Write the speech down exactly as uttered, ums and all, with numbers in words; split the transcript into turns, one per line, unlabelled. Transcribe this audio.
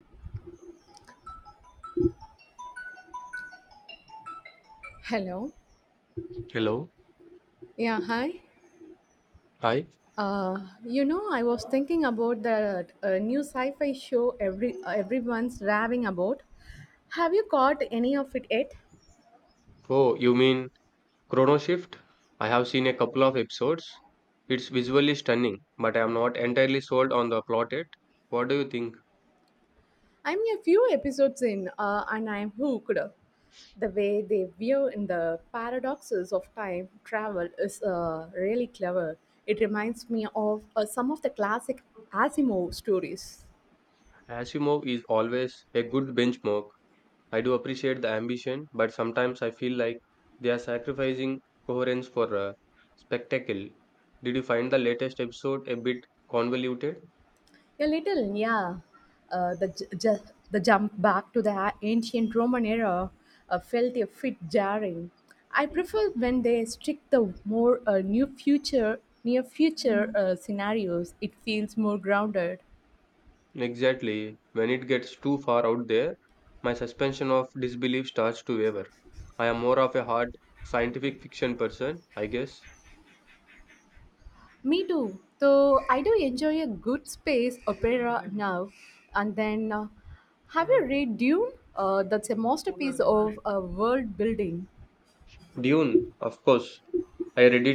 Hello.
Hello.
Yeah, hi.
Hi.
Uh, you know, I was thinking about the uh, new sci-fi show every uh, everyone's raving about. Have you caught any of it yet?
Oh, you mean Chrono Shift? I have seen a couple of episodes. It's visually stunning, but I am not entirely sold on the plot yet. What do you think?
I'm a few episodes in, uh, and I'm hooked. The way they view in the paradoxes of time travel is uh, really clever. It reminds me of uh, some of the classic Asimov stories.
Asimov is always a good benchmark. I do appreciate the ambition, but sometimes I feel like they are sacrificing coherence for uh, spectacle. Did you find the latest episode a bit convoluted?
A little, yeah. Uh, the, ju- ju- the jump back to the a- ancient Roman era uh, felt a bit jarring. I prefer when they stick the more uh, new future, near future uh, scenarios. It feels more grounded.
Exactly. When it gets too far out there, my suspension of disbelief starts to waver. I am more of a hard scientific fiction person, I guess.
Me too. So I do enjoy a good space opera now and then. Uh, have you read Dune? Uh, that's a masterpiece of uh, world building.
Dune, of course. I read